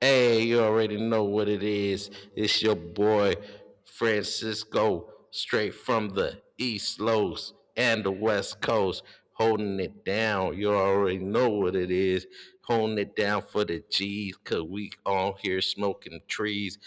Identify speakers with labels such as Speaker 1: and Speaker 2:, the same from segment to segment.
Speaker 1: Hey, you already know what it is. It's your boy Francisco, straight from the East Los and the West Coast, holding it down. You already know what it is. Holding it down for the G's, cause we all here smoking trees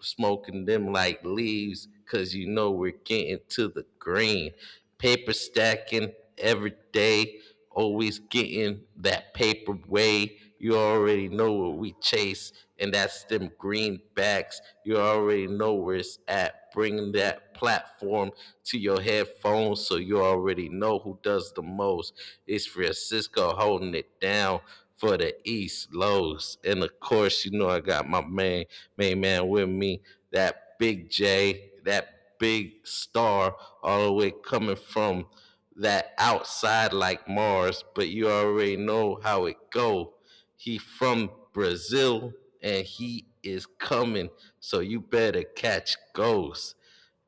Speaker 1: smoking them like leaves because you know we're getting to the green. Paper stacking every day, always getting that paper way. You already know what we chase, and that's them greenbacks. You already know where it's at. Bringing that platform to your headphones so you already know who does the most. It's Francisco holding it down for the East Lows. And of course, you know I got my man, main man with me, that big J, that big star, all the way coming from that outside like Mars, but you already know how it go. He from Brazil and he is coming, so you better catch ghosts.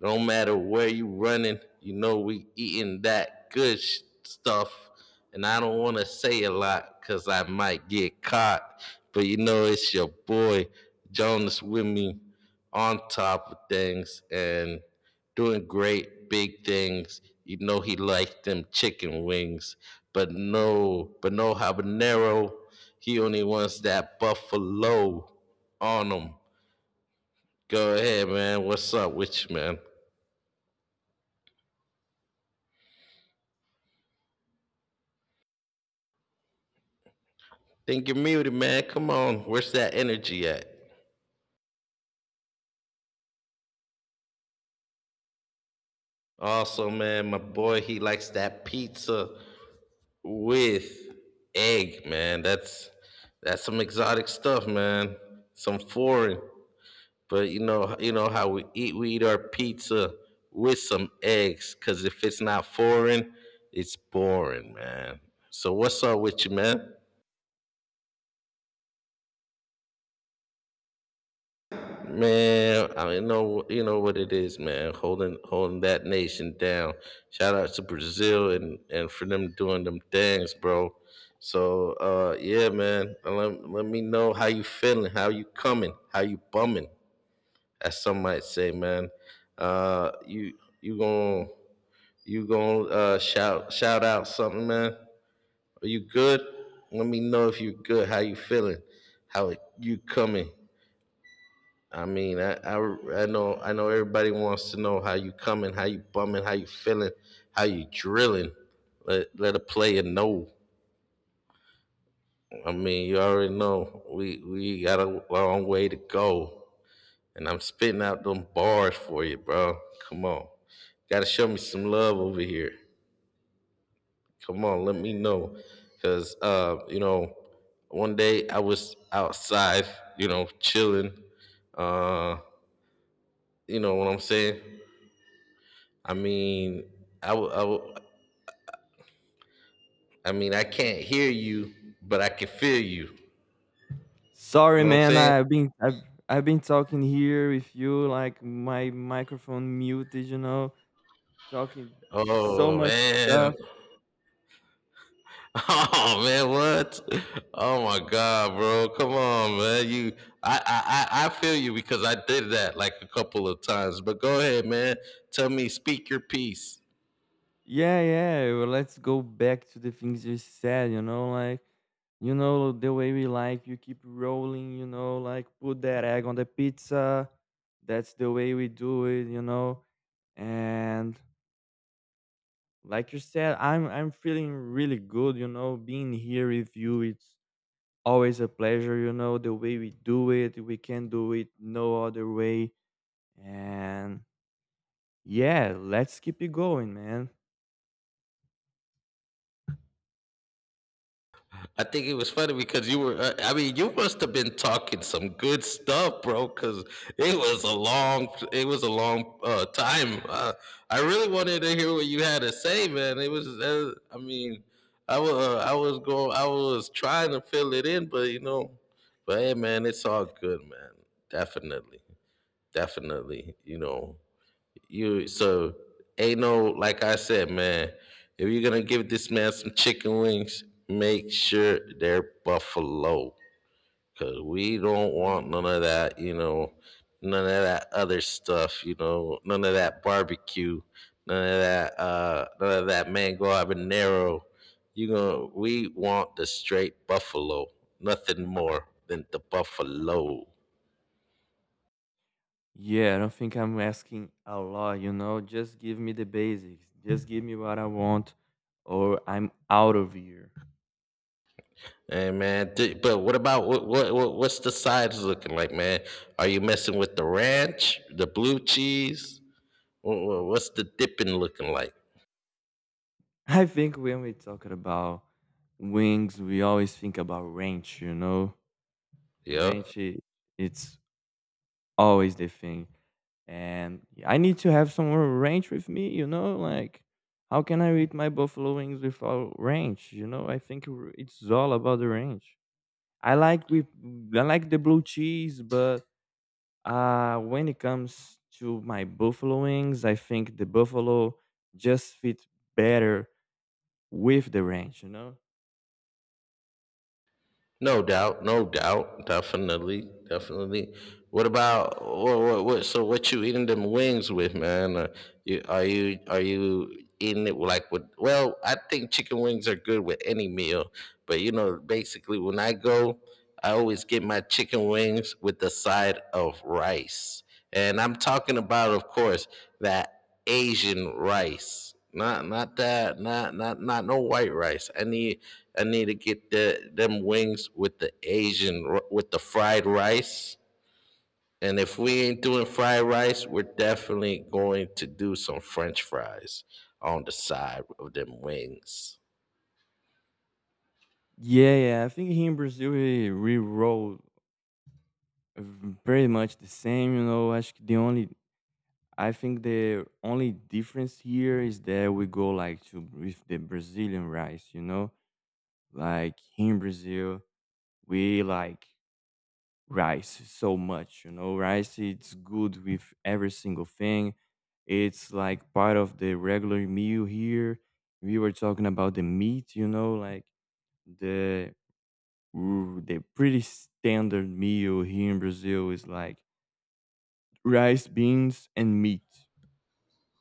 Speaker 1: Don't matter where you running, you know we eating that stuff. And I don't want to say a lot because I might get caught. But you know it's your boy Jonas with me on top of things and doing great big things. You know he liked them chicken wings, but no habanero. He only wants that buffalo on them. Go ahead, man. What's up with you, man? Think you're muted, man. Come on. Where's that energy at? Also, man, my boy, he likes that pizza with egg, man. That's some exotic stuff, man. Some foreign. But you know how we eat. We eat our pizza with some eggs, cause if it's not foreign, it's boring, man. So what's up with you, man? Man, I mean, know you know what it is, man. Holding that nation down. Shout out to Brazil and for them doing them things, bro. So yeah, man. Let me know how you feeling, how you coming, how you bumming, as some might say, man. Uh you you gon' you gon' shout out something, man. Are you good? Let me know if you good, how you feeling, how you coming. I mean, I know I know everybody wants to know how you coming, how you bumming, how you feeling, how you drilling. Let a player know. I mean, you already know we got a long way to go, and I'm spitting out them bars for you, bro. Come on, got to show me some love over here. Come on, let me know, cause you know, one day I was outside, you know, chilling. Uh, you know what I'm saying? I mean, I, w- I, w- I mean, I can't hear you, but I can feel you. You
Speaker 2: Sorry,
Speaker 1: know what I'm
Speaker 2: man.
Speaker 1: saying?
Speaker 2: I've been talking here with you like my microphone muted. You know, talking so
Speaker 1: Oh
Speaker 2: much
Speaker 1: man,
Speaker 2: stuff.
Speaker 1: oh man, what? Oh my God, bro, come on, man. I feel you because I did that like a couple of times. But go ahead, man. Tell me, speak your piece.
Speaker 2: Yeah, yeah. Well, let's go back to the things you said. You know, like you know the way we like. You keep rolling. You know, like put that egg on the pizza. That's the way we do it. You know, and like you said, I'm feeling really good. You know, being here with you. It's always a pleasure, you know, the way we do it. We can do it no other way. And yeah, let's keep it going, man.
Speaker 1: I think it was funny because you were, I mean, you must have been talking some good stuff, bro, because it was a long time. I really wanted to hear what you had to say, man. It was, I mean, I was, I was trying to fill it in, but you know, but hey, man, it's all good, man. Definitely, definitely, you know, you so ain't no like I said, man. If you're gonna give this man some chicken wings, make sure they're buffalo, cause we don't want none of that. You know, none of that other stuff. You know, none of that barbecue, none of that, none of that mango habanero. You know, we want the straight buffalo, nothing more than the buffalo.
Speaker 2: Yeah, I don't think I'm asking a lot. You know, just give me the basics. Just give me what I want, or I'm out of here.
Speaker 1: Hey man, but what about what what's the sides looking like, man? Are you messing with the ranch, the blue cheese? What's the dipping looking like?
Speaker 2: I think when we talk about wings, we always think about ranch, you know.
Speaker 1: Yeah.
Speaker 2: ranch i- it's always the thing. And yeah, I need to have some more range with me, you know, like how can I eat my buffalo wings without range? You know, I think it's all about the range. I like with I like the blue cheese, but when it comes to my buffalo wings, I think the buffalo just fit better with the range, you know?
Speaker 1: No doubt, no doubt, definitely, definitely. What about what so what you eating them wings with, man? Are you eating it like with well, I think chicken wings are good with any meal, but you know, basically when I go, I always get my chicken wings with the side of rice. And I'm talking about, of course, that Asian rice. Not not that not not not no white rice. I need to get the them wings with the fried rice. And if we ain't doing fried rice, we're definitely going to do some French fries on the side of them wings.
Speaker 2: Yeah, yeah. I think here in Brazil we roll uh, pretty much the same, you know. Acho que the only I think the only difference here is that we go like to with the Brazilian rice, you know? Like in Brazil, we like rice so much, you know? Rice, it's good with every single thing. It's like part of the regular meal here. We were talking about the meat, you know, like the the pretty standard meal here in Brazil is like rice, beans and meat.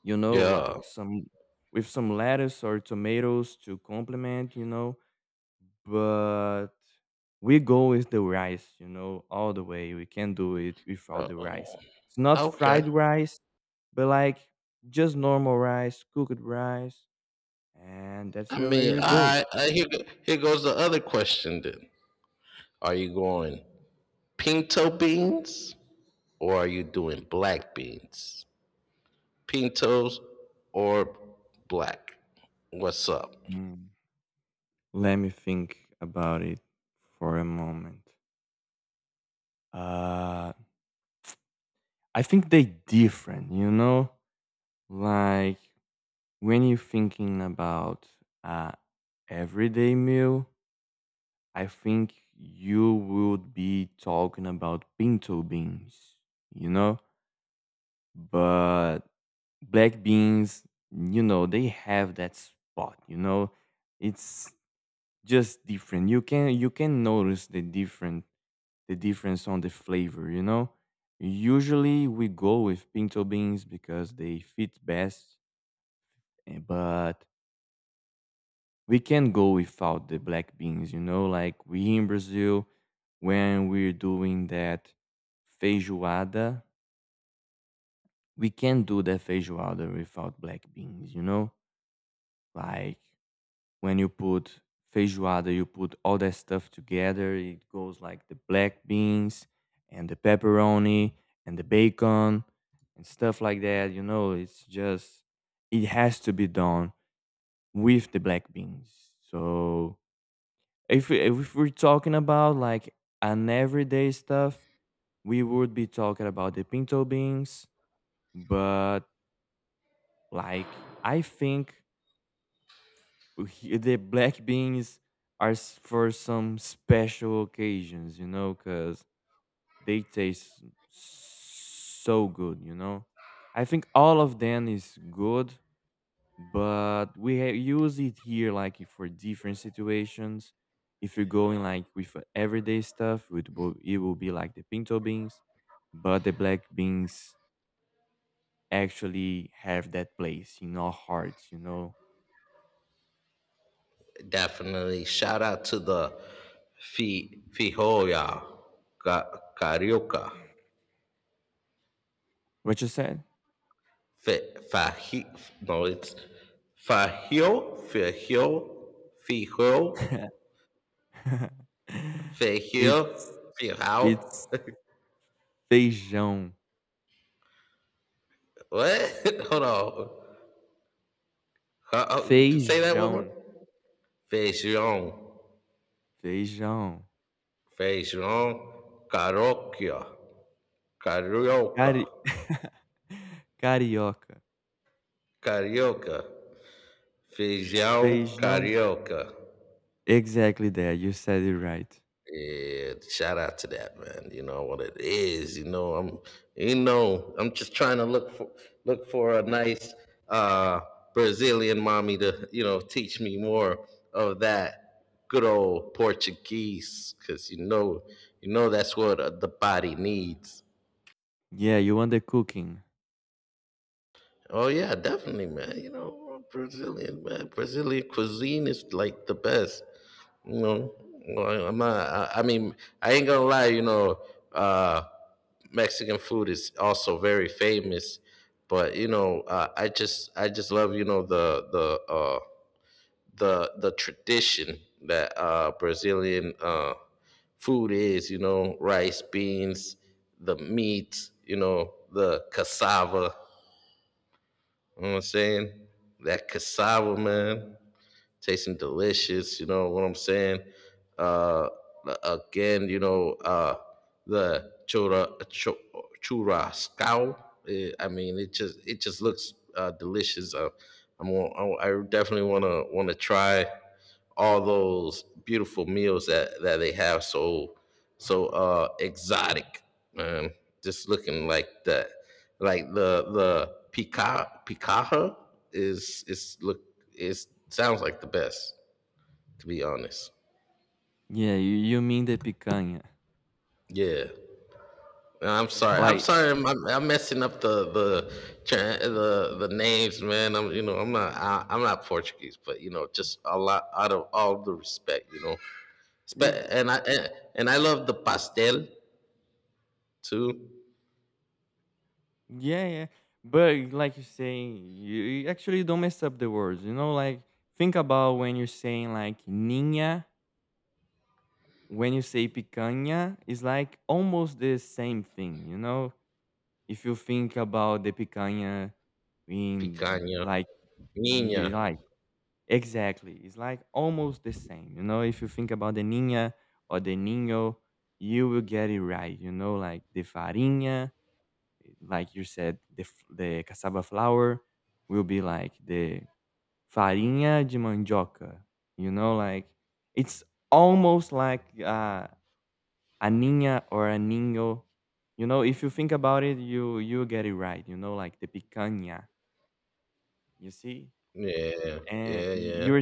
Speaker 2: You know, like
Speaker 1: Yeah.
Speaker 2: some with some lettuce or tomatoes to complement, you know. But we go with the rice, you know, all the way. We can do it
Speaker 1: Uh,
Speaker 2: without the rice. It's not fried
Speaker 1: okay.
Speaker 2: rice, but like just normal rice, cooked rice, and that's
Speaker 1: I
Speaker 2: the way
Speaker 1: mean,
Speaker 2: we go.
Speaker 1: I here goes the other question then. Are you going pinto beans? Or are you doing black beans? Pintos or black? What's up?
Speaker 2: Mm. Let me think about it for a moment. Uh, I think they different, you know, like when you're thinking about uh, everyday meal, I think you would be talking about pinto beans, you know? But black beans, you know, they have that spot, you know? It's just different. You can notice the different the difference on the flavor, you know? Usually we go with pinto beans because they fit best, but we can't go without the black beans, you know, like we in Brazil, when we're doing that feijoada, we can't do that feijoada without black beans, you know? Like when you put feijoada, you put all that stuff together, it goes like the black beans and the pepperoni and the bacon and stuff like that, you know? It's just, it has to be done with the black beans. So if we- if we're talking about like an everyday stuff, we would be talking about the pinto beans, but like I think the black beans are for some special occasions, you know, because they taste so good, you know. I think all of them is good, but we use it here like for different situations. If you're going like with everyday stuff, it will be like the pinto beans, but the black beans actually have that place in our hearts. You know
Speaker 1: Definitely shout out to the Fi Carioca.
Speaker 2: what you said?
Speaker 1: Fe- no, it's Fajio, Fajio, Fijo, Fajio,
Speaker 2: it's
Speaker 1: Fijao.
Speaker 2: it's feijão,
Speaker 1: What? Hold on. Uh, say that one more.
Speaker 2: feijão,
Speaker 1: Feijão,
Speaker 2: feijão,
Speaker 1: feijão, carioca. Carioca,
Speaker 2: Cari- carioca,
Speaker 1: carioca, feijão
Speaker 2: feijão.
Speaker 1: carioca.
Speaker 2: Exactly there. You said it right.
Speaker 1: Yeah, shout out to that man. You know what it is. You know I'm just trying to look for a nice uh, Brazilian mommy to you know teach me more of that good old Portuguese because you know that's what the body needs.
Speaker 2: Yeah, you want the cooking.
Speaker 1: Oh yeah, definitely, man. You know, Brazilian man, Brazilian cuisine is like the best. You know, I mean, I ain't gonna lie. You know, uh, Mexican food is also very famous, but you know, I just love you know the tradition that Brazilian food is. You know, rice, beans, the meat. You know, the cassava. You know what I'm saying? That cassava, man, tasting delicious. You know what I'm saying? Uh, again, you know, the chura chu- churrasco. I mean, it just looks delicious. I'm gonna- I definitely wanna try all those beautiful meals that they have. So exotic, man. Just looking like that. Like the Pikaha is look is sounds like the best, to be honest.
Speaker 2: Yeah, you mean the picanha.
Speaker 1: Yeah. I'm sorry. I'm
Speaker 2: Like,
Speaker 1: sorry. I'm messing up the tra- the names, man. I'm you know I'm not Portuguese, but you know just a lot out of all the respect, you know.
Speaker 2: mm,
Speaker 1: And and I love the pastel too,
Speaker 2: yeah, yeah. But like you're saying, you actually don't mess up the words. You know, like, think about when you're saying like niña, when you say picanha, it's like almost the same thing. You know, if you think about the picanha in
Speaker 1: picanha,
Speaker 2: like,
Speaker 1: minha.
Speaker 2: you like, exactly. It's like almost the same. You know, if you think about the Nina or the Nino, you will get it right. You know, like the farinha, like you said, the, the cassava flour will be like the farinha de mandioca. You know, like it's almost like a Nina or a Nino. You know, if you think about it, you get it right. You know, like the picanha. You see,
Speaker 1: Yeah,
Speaker 2: and
Speaker 1: yeah, yeah.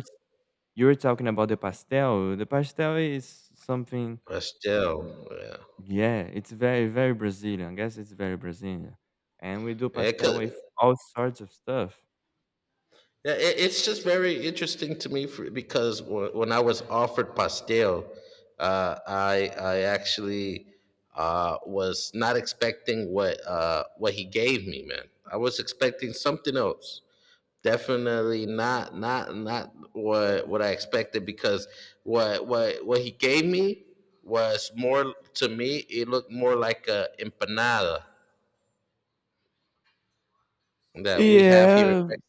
Speaker 2: you were talking about the pastel. The pastel is something,
Speaker 1: But
Speaker 2: mm,
Speaker 1: yeah.
Speaker 2: yeah, it's very, very Brazilian. I guess it's very Brazilian. And we do
Speaker 1: It
Speaker 2: pastel
Speaker 1: could,
Speaker 2: with all sorts of stuff.
Speaker 1: yeah, it's just very interesting to me because when I was offered pastel, I actually was not expecting what he gave me, man. I was expecting something else. Definitely not not not what I expected because what he gave me was more to me. It looked more like a empanada that we have here in
Speaker 2: Yeah,
Speaker 1: Mexico.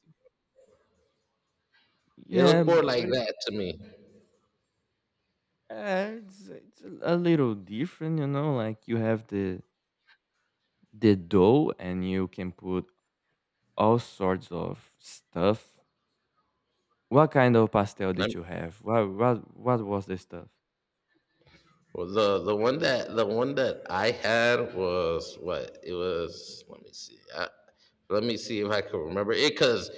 Speaker 1: It
Speaker 2: yeah,
Speaker 1: looked more like that to me.
Speaker 2: it's a little different, you know. Like you have the dough, and you can put all sorts of stuff. What kind of pastel did
Speaker 1: I
Speaker 2: you have? What what was the stuff?
Speaker 1: the one that I had was what it was. Let me see. Let me see if I can remember it because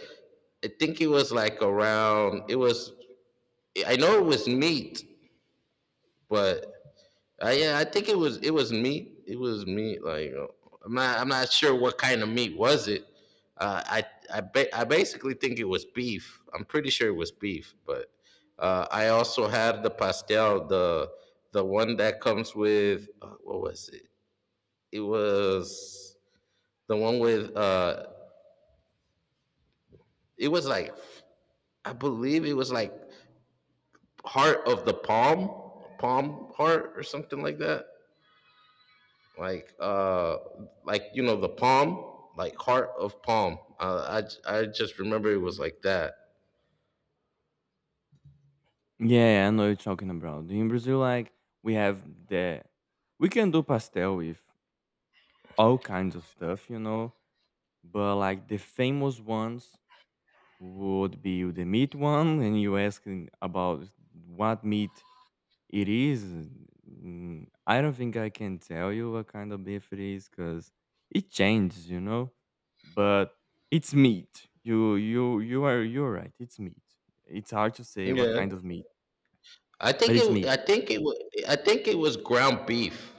Speaker 1: I think it was like around. It was. I know it was meat, but yeah, I think it was meat. It was meat. I'm not sure what kind of meat was it. Uh, I I basically think it was beef. I'm pretty sure it was beef. But I also had the pastel, the one that comes with what was it? It was the one with it was like I believe it was like heart of the palm, palm heart or something like that. like uh you know the palm like heart of palm I just remember it was like that
Speaker 2: Yeah, yeah, I know you're talking about. In Brazil, like we have the we can do pastel with all kinds of stuff, you know. But like the famous ones would be the meat one, and you asking about what meat it is. Mm, I don't think I can tell you what kind of beef it is because it changes, you know. But it's meat. You're right. It's meat. It's hard to say what
Speaker 1: yeah
Speaker 2: kind of meat,
Speaker 1: i think
Speaker 2: but it's
Speaker 1: it
Speaker 2: meat.
Speaker 1: i think it wa- I think it was ground beef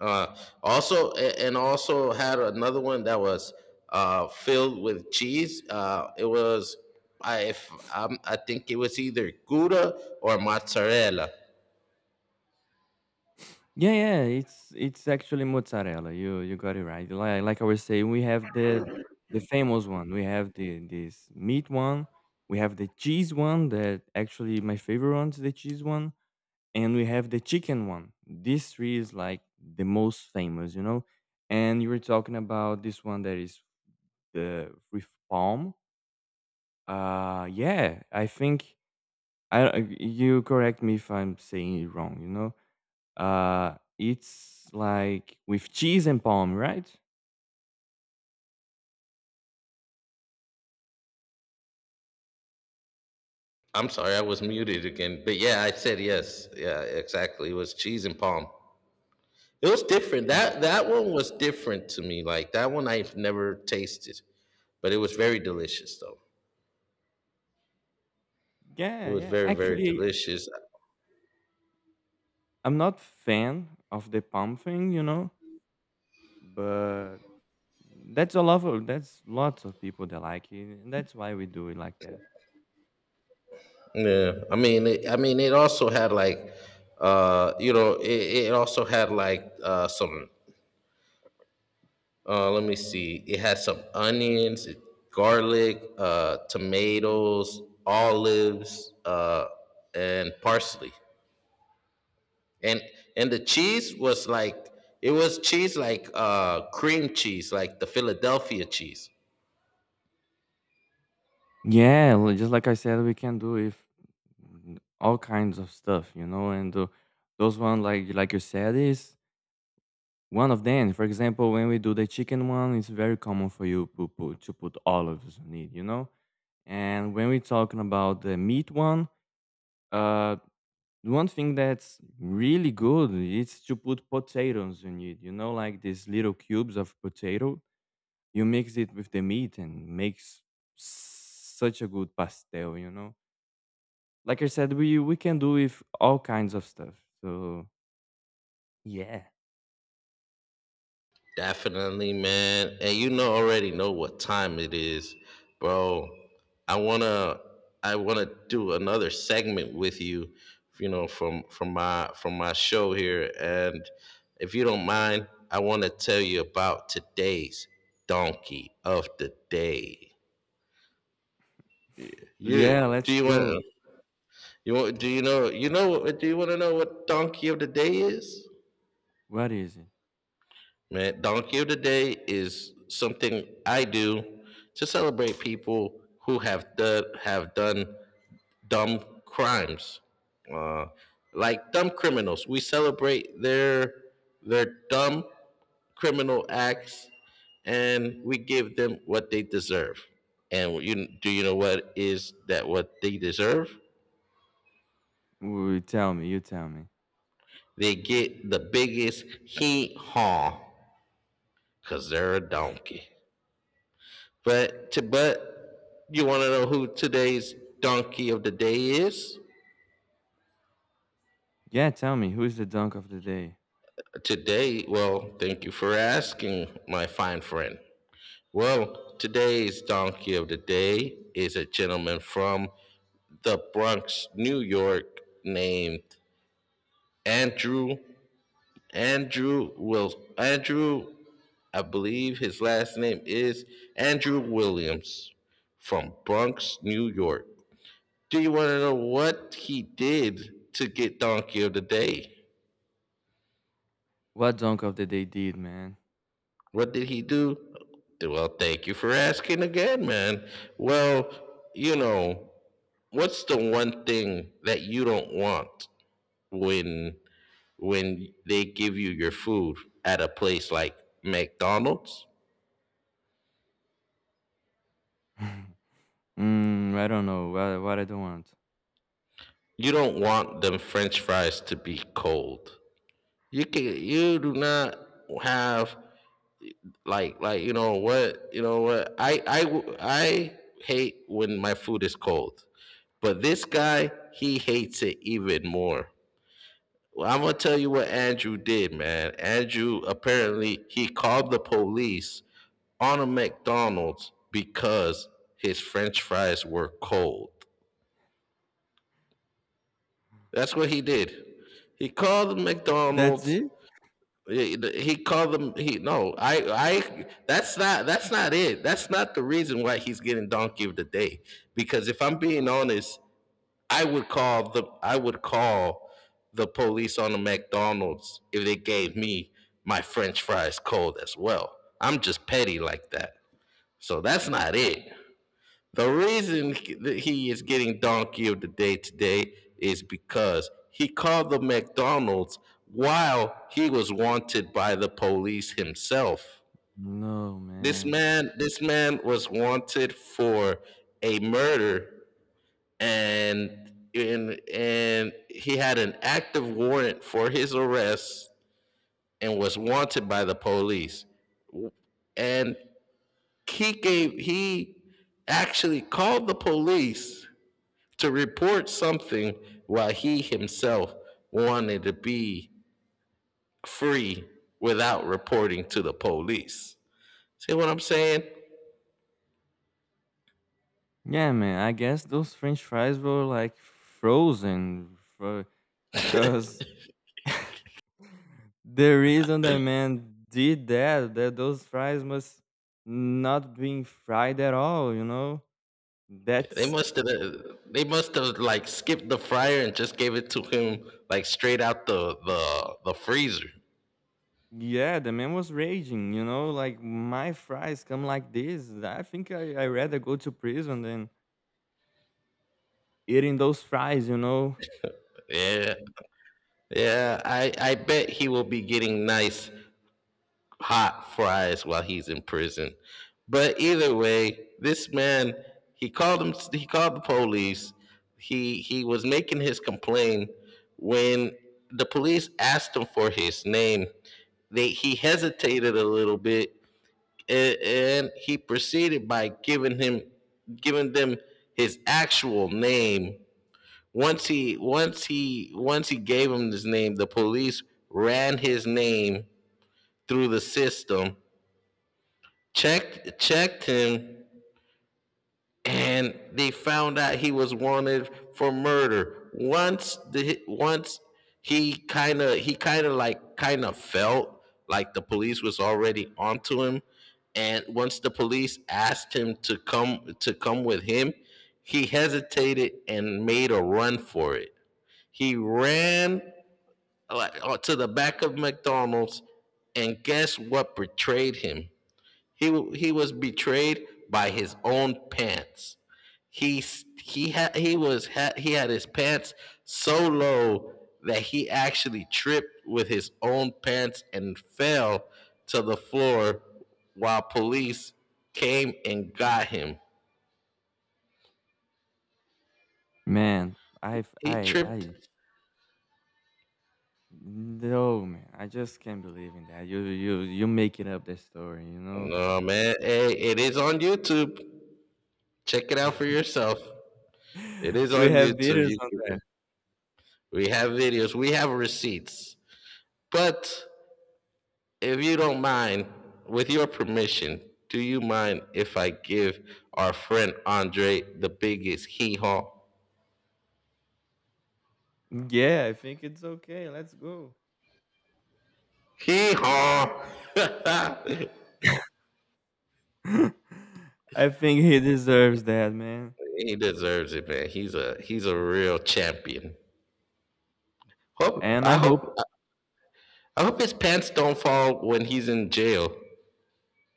Speaker 1: uh also and also had another one that was filled with cheese it was I if I think it was either gouda or mozzarella
Speaker 2: Yeah, yeah, it's actually mozzarella. You got it right. Like I was saying, we have the famous one. We have the this meat one. We have the cheese one. That actually my favorite one is the cheese one, and we have the chicken one. These three is like the most famous, you know. And you were talking about this one that is the with palm. Yeah, I think I you correct me if I'm saying it wrong. You know it's like with cheese and palm, right?
Speaker 1: I'm sorry I was muted again but yeah I said yes yeah exactly it was cheese and palm. It was different.
Speaker 2: Mm.
Speaker 1: That one was different to me. Like that one I've never tasted, but it was very delicious though. It
Speaker 2: Yeah,
Speaker 1: was
Speaker 2: yeah.
Speaker 1: very very
Speaker 2: Actually,
Speaker 1: delicious.
Speaker 2: I'm not fan of the palm thing, you know, but that's a lot of that's lots of people that like it, and that's why we do it like that.
Speaker 1: Yeah, I mean, I mean, it also had you know, it also had like some. Let me see. It had some onions, garlic, tomatoes, olives, and parsley. and and the cheese was like it was cheese like cream cheese like the Philadelphia cheese.
Speaker 2: Yeah, just like I said, we can do if all kinds of stuff, you know, and those one like you said is one of them. For example, when we do the chicken one, it's very common for you to put olives on it, you know. And when we're talking about the meat one, uh, one thing that's really good is to put potatoes in it, you know, like these little cubes of potato. You mix it with the meat and makes such a good pastel, you know. Like I said, we can do with all kinds of stuff. So yeah,
Speaker 1: Definitely, man. And you know, already know what time it is, bro. I want to i want to do another segment with you, you know, from my show here. And if you don't mind, I want to tell you about today's donkey of the day. Yeah.
Speaker 2: yeah,
Speaker 1: do
Speaker 2: let's
Speaker 1: you
Speaker 2: go.
Speaker 1: want You want, do you know you know do you want to know what donkey of the day is?
Speaker 2: What is it?
Speaker 1: Man, donkey of the day is something I do to celebrate people who have done dumb crimes, uh, like dumb criminals. We celebrate their dumb criminal acts, and we give them what they deserve. And you do you know what is that what they deserve?
Speaker 2: Ooh, tell me. You tell me.
Speaker 1: They get the biggest hee haw because they're a donkey. But you want to know who today's donkey of the day is?
Speaker 2: Yeah, tell me. Who is the dunk of the day?
Speaker 1: Today, well, thank you for asking, my fine friend. Well, today's donkey of the day is a gentleman from the Bronx, New York, named Andrew. Andrew will Andrew, I believe his last name is Andrew Williams from Bronx, New York. Do you want to know what he did to get donkey of the day?
Speaker 2: What dunk of the day did, man?
Speaker 1: What did he do? Well, thank you for asking again, man. Well, you know, what's the one thing that you don't want when they give you your food at a place like McDonald's?
Speaker 2: mm, I don't know. What I don't want.
Speaker 1: You don't want them french fries to be cold. You can you do not have like you know what? You know what? I hate when my food is cold, but this guy, he hates it even more. Well, I'm gonna tell you what Andrew did, man. Andrew, apparently he called the police on a McDonald's because his French fries were cold. That's what he did. He called the
Speaker 2: That's
Speaker 1: McDonald's.
Speaker 2: it?
Speaker 1: Yeah, he called them. He no. I. That's not it. That's not the reason why he's getting donkey of the day. Because if I'm being honest, I would call the police on the McDonald's if they gave me my French fries cold as well. I'm just petty like that. So that's not it. The reason that he is getting donkey of the day today is because he called the McDonald's while he was wanted by the police himself.
Speaker 2: No,
Speaker 1: This
Speaker 2: man.
Speaker 1: man, this man was wanted for a murder, and he had an active warrant for his arrest and was wanted by the police. And he gave he actually called the police to report something while he himself wanted to be free without reporting to the police. See what I'm saying?
Speaker 2: Yeah, man. I guess those French fries were like frozen, because the reason the man did that that those fries must not being fried at all, you know.
Speaker 1: They
Speaker 2: That's
Speaker 1: must have they must have like skipped the fryer and just gave it to him like straight out the freezer.
Speaker 2: yeah, the man was raging, you know, like my fries come like this. I think I rather go to prison than eating those fries, you know.
Speaker 1: Yeah. Yeah, I bet he will be getting nice hot fries while he's in prison. But either way, this man, he called the police. He was making his complaint when the police asked him for his name. They he hesitated a little bit, and he proceeded by giving them his actual name. Once he gave him his name, the police ran his name through the system, checked him, and they found out he was wanted for murder. Once the once He kind of felt like the police was already onto him, and once the police asked him to come with him, he hesitated and made a run for it. He ran, like, to the back of McDonald's. And guess what betrayed him? he he was betrayed by his own pants. He he had he was ha- He had his pants so low that he actually tripped with his own pants and fell to the floor while police came and got him.
Speaker 2: Man, I f-
Speaker 1: He
Speaker 2: I
Speaker 1: tripped.
Speaker 2: no man, I just can't believe in that. You you making up the story, you know.
Speaker 1: No man, hey, it is on YouTube. Check it out for yourself. It is
Speaker 2: We
Speaker 1: on
Speaker 2: have
Speaker 1: YouTube.
Speaker 2: videos on that.
Speaker 1: We have videos. We have receipts. But if you don't mind, with your permission, do you mind if I give our friend Andre the biggest hee haw?
Speaker 2: Yeah, I think it's okay, let's go.
Speaker 1: Hee haw!
Speaker 2: I think he deserves that, man.
Speaker 1: he deserves it, man. He's a real champion. Hope
Speaker 2: And
Speaker 1: I
Speaker 2: I hope
Speaker 1: hope I hope his pants don't fall when he's in jail.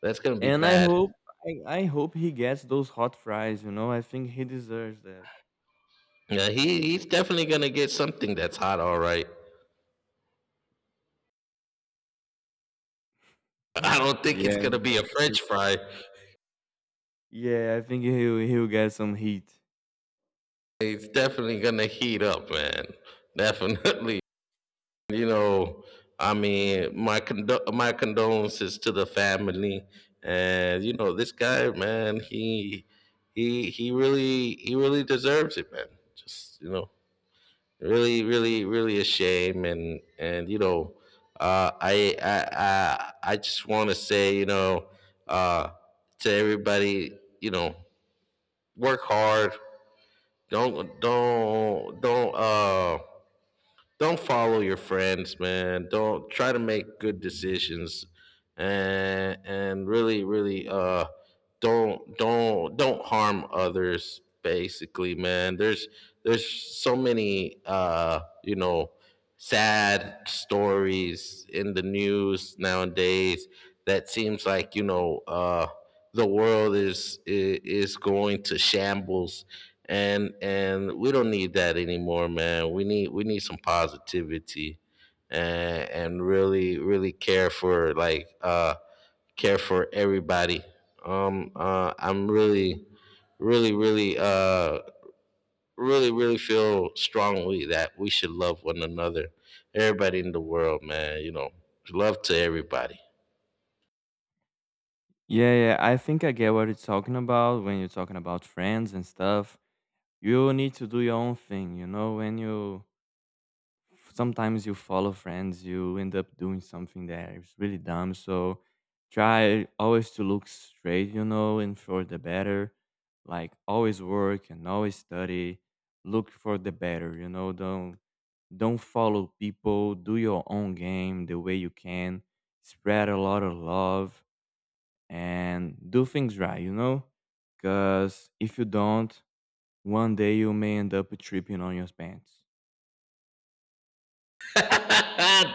Speaker 1: That's gonna be
Speaker 2: and I
Speaker 1: bad.
Speaker 2: hope I hope he gets those hot fries, you know? I think he deserves that.
Speaker 1: Yeah, he's definitely gonna get something that's hot, all right. I don't think
Speaker 2: yeah,
Speaker 1: it's
Speaker 2: man,
Speaker 1: gonna
Speaker 2: I
Speaker 1: be a
Speaker 2: think
Speaker 1: French fry.
Speaker 2: yeah, I think he'll get some heat.
Speaker 1: He's definitely gonna heat up, man. Definitely. You know, I mean, my condolences to the family. And you know, this guy, man, he really deserves it, man. Just, you know, really, really, really a shame. And you know, I just want to say, you know, uh, to everybody, you know, work hard. Don't don't don't uh don't follow your friends, man. Don't try to make good decisions. And really really don't harm others, basically, man. There's so many, you know, sad stories in the news nowadays, that seems like, you know, the world is going to shambles. And we don't need that anymore, man. We need some positivity, and really really care for, like, care for everybody. I'm really, really, really, really really feel strongly that we should love one another, everybody in the world, man, you know. Love to everybody.
Speaker 2: Yeah, yeah, I think I get what you're talking about when you're talking about friends and stuff. You need to do your own thing, you know, when you sometimes you follow friends, you end up doing something that is really dumb. So try always to look straight, you know, and for the better. Like always work and always study. Look for the better, you know. Don't follow people. Do your own game the way you can. Spread a lot of love and do things right, you know. Cause if you don't, one day you may end up tripping on your pants.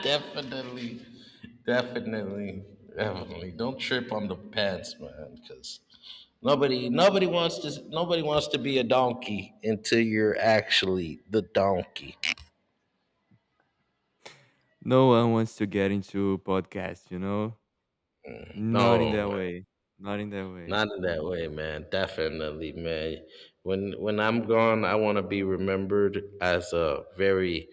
Speaker 1: definitely, definitely, definitely. Don't trip on the pants, man, because nobody wants to be a donkey until you're actually the donkey.
Speaker 2: No one wants to get into podcasts, you know? Not in
Speaker 1: No,
Speaker 2: that
Speaker 1: man,
Speaker 2: way. Not in that way.
Speaker 1: not in that way, man. Definitely, man. When I'm gone, I want to be remembered as a very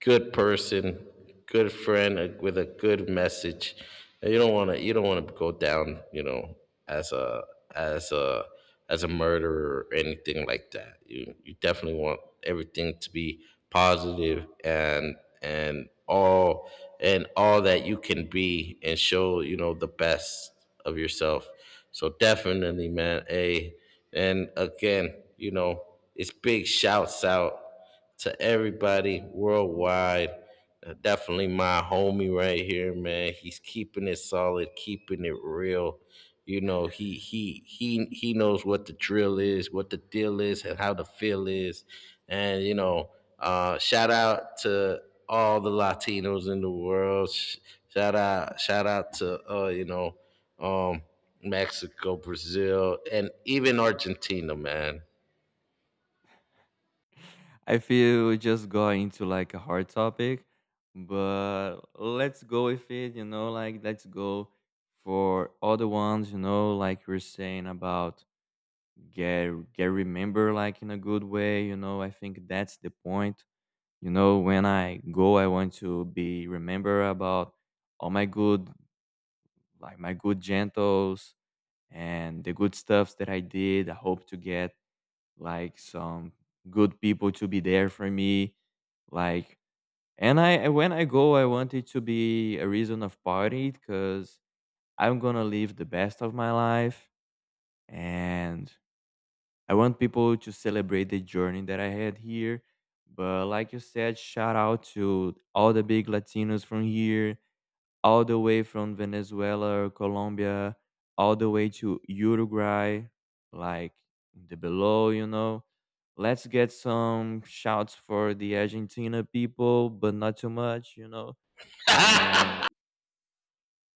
Speaker 1: good person, good friend, with a good message. And you don't want to go down, you know, as a as a as a murderer or anything like that. You definitely want everything to be positive, and all that you can be, and show, you know, the best of yourself. So definitely, man, a and again, you know, it's big shouts out to everybody worldwide. Definitely my homie right here, man. He's keeping it solid, keeping it real. You know, he knows what the drill is, what the deal is, and how the feel is. And you know, shout out to all the Latinos in the world. Shout out to, you know, um, Mexico, Brazil, and even Argentina, man.
Speaker 2: I feel we just got into like a hard topic, but let's go with it, you know, like let's go for other ones, you know, like you're saying about get remember like in a good way, you know. I think that's the point. You know, when I go, I want to be remember about all my good, like my good gentles and the good stuffs that I did. I hope to get like some good people to be there for me. Like, and when I go, I want it to be a reason of party because I'm gonna live the best of my life and I want people to celebrate the journey that I had here. But like you said, shout out to all the big Latinos from here, all the way from Venezuela or Colombia, all the way to Uruguay, like the below, you know. Let's get some shouts for the Argentina people, but not too much, you know. And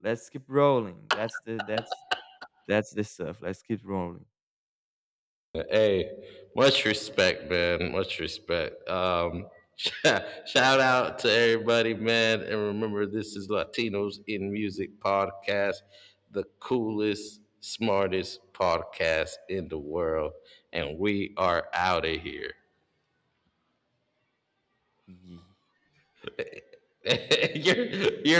Speaker 2: let's keep rolling. That's the that's the stuff. Let's keep rolling.
Speaker 1: Hey, much respect, man. Much respect. Shout out to everybody, man. And remember, this is Latinos in Music podcast, the coolest, smartest podcast in the world. And we are out of here.
Speaker 2: Ye-
Speaker 1: you're, you're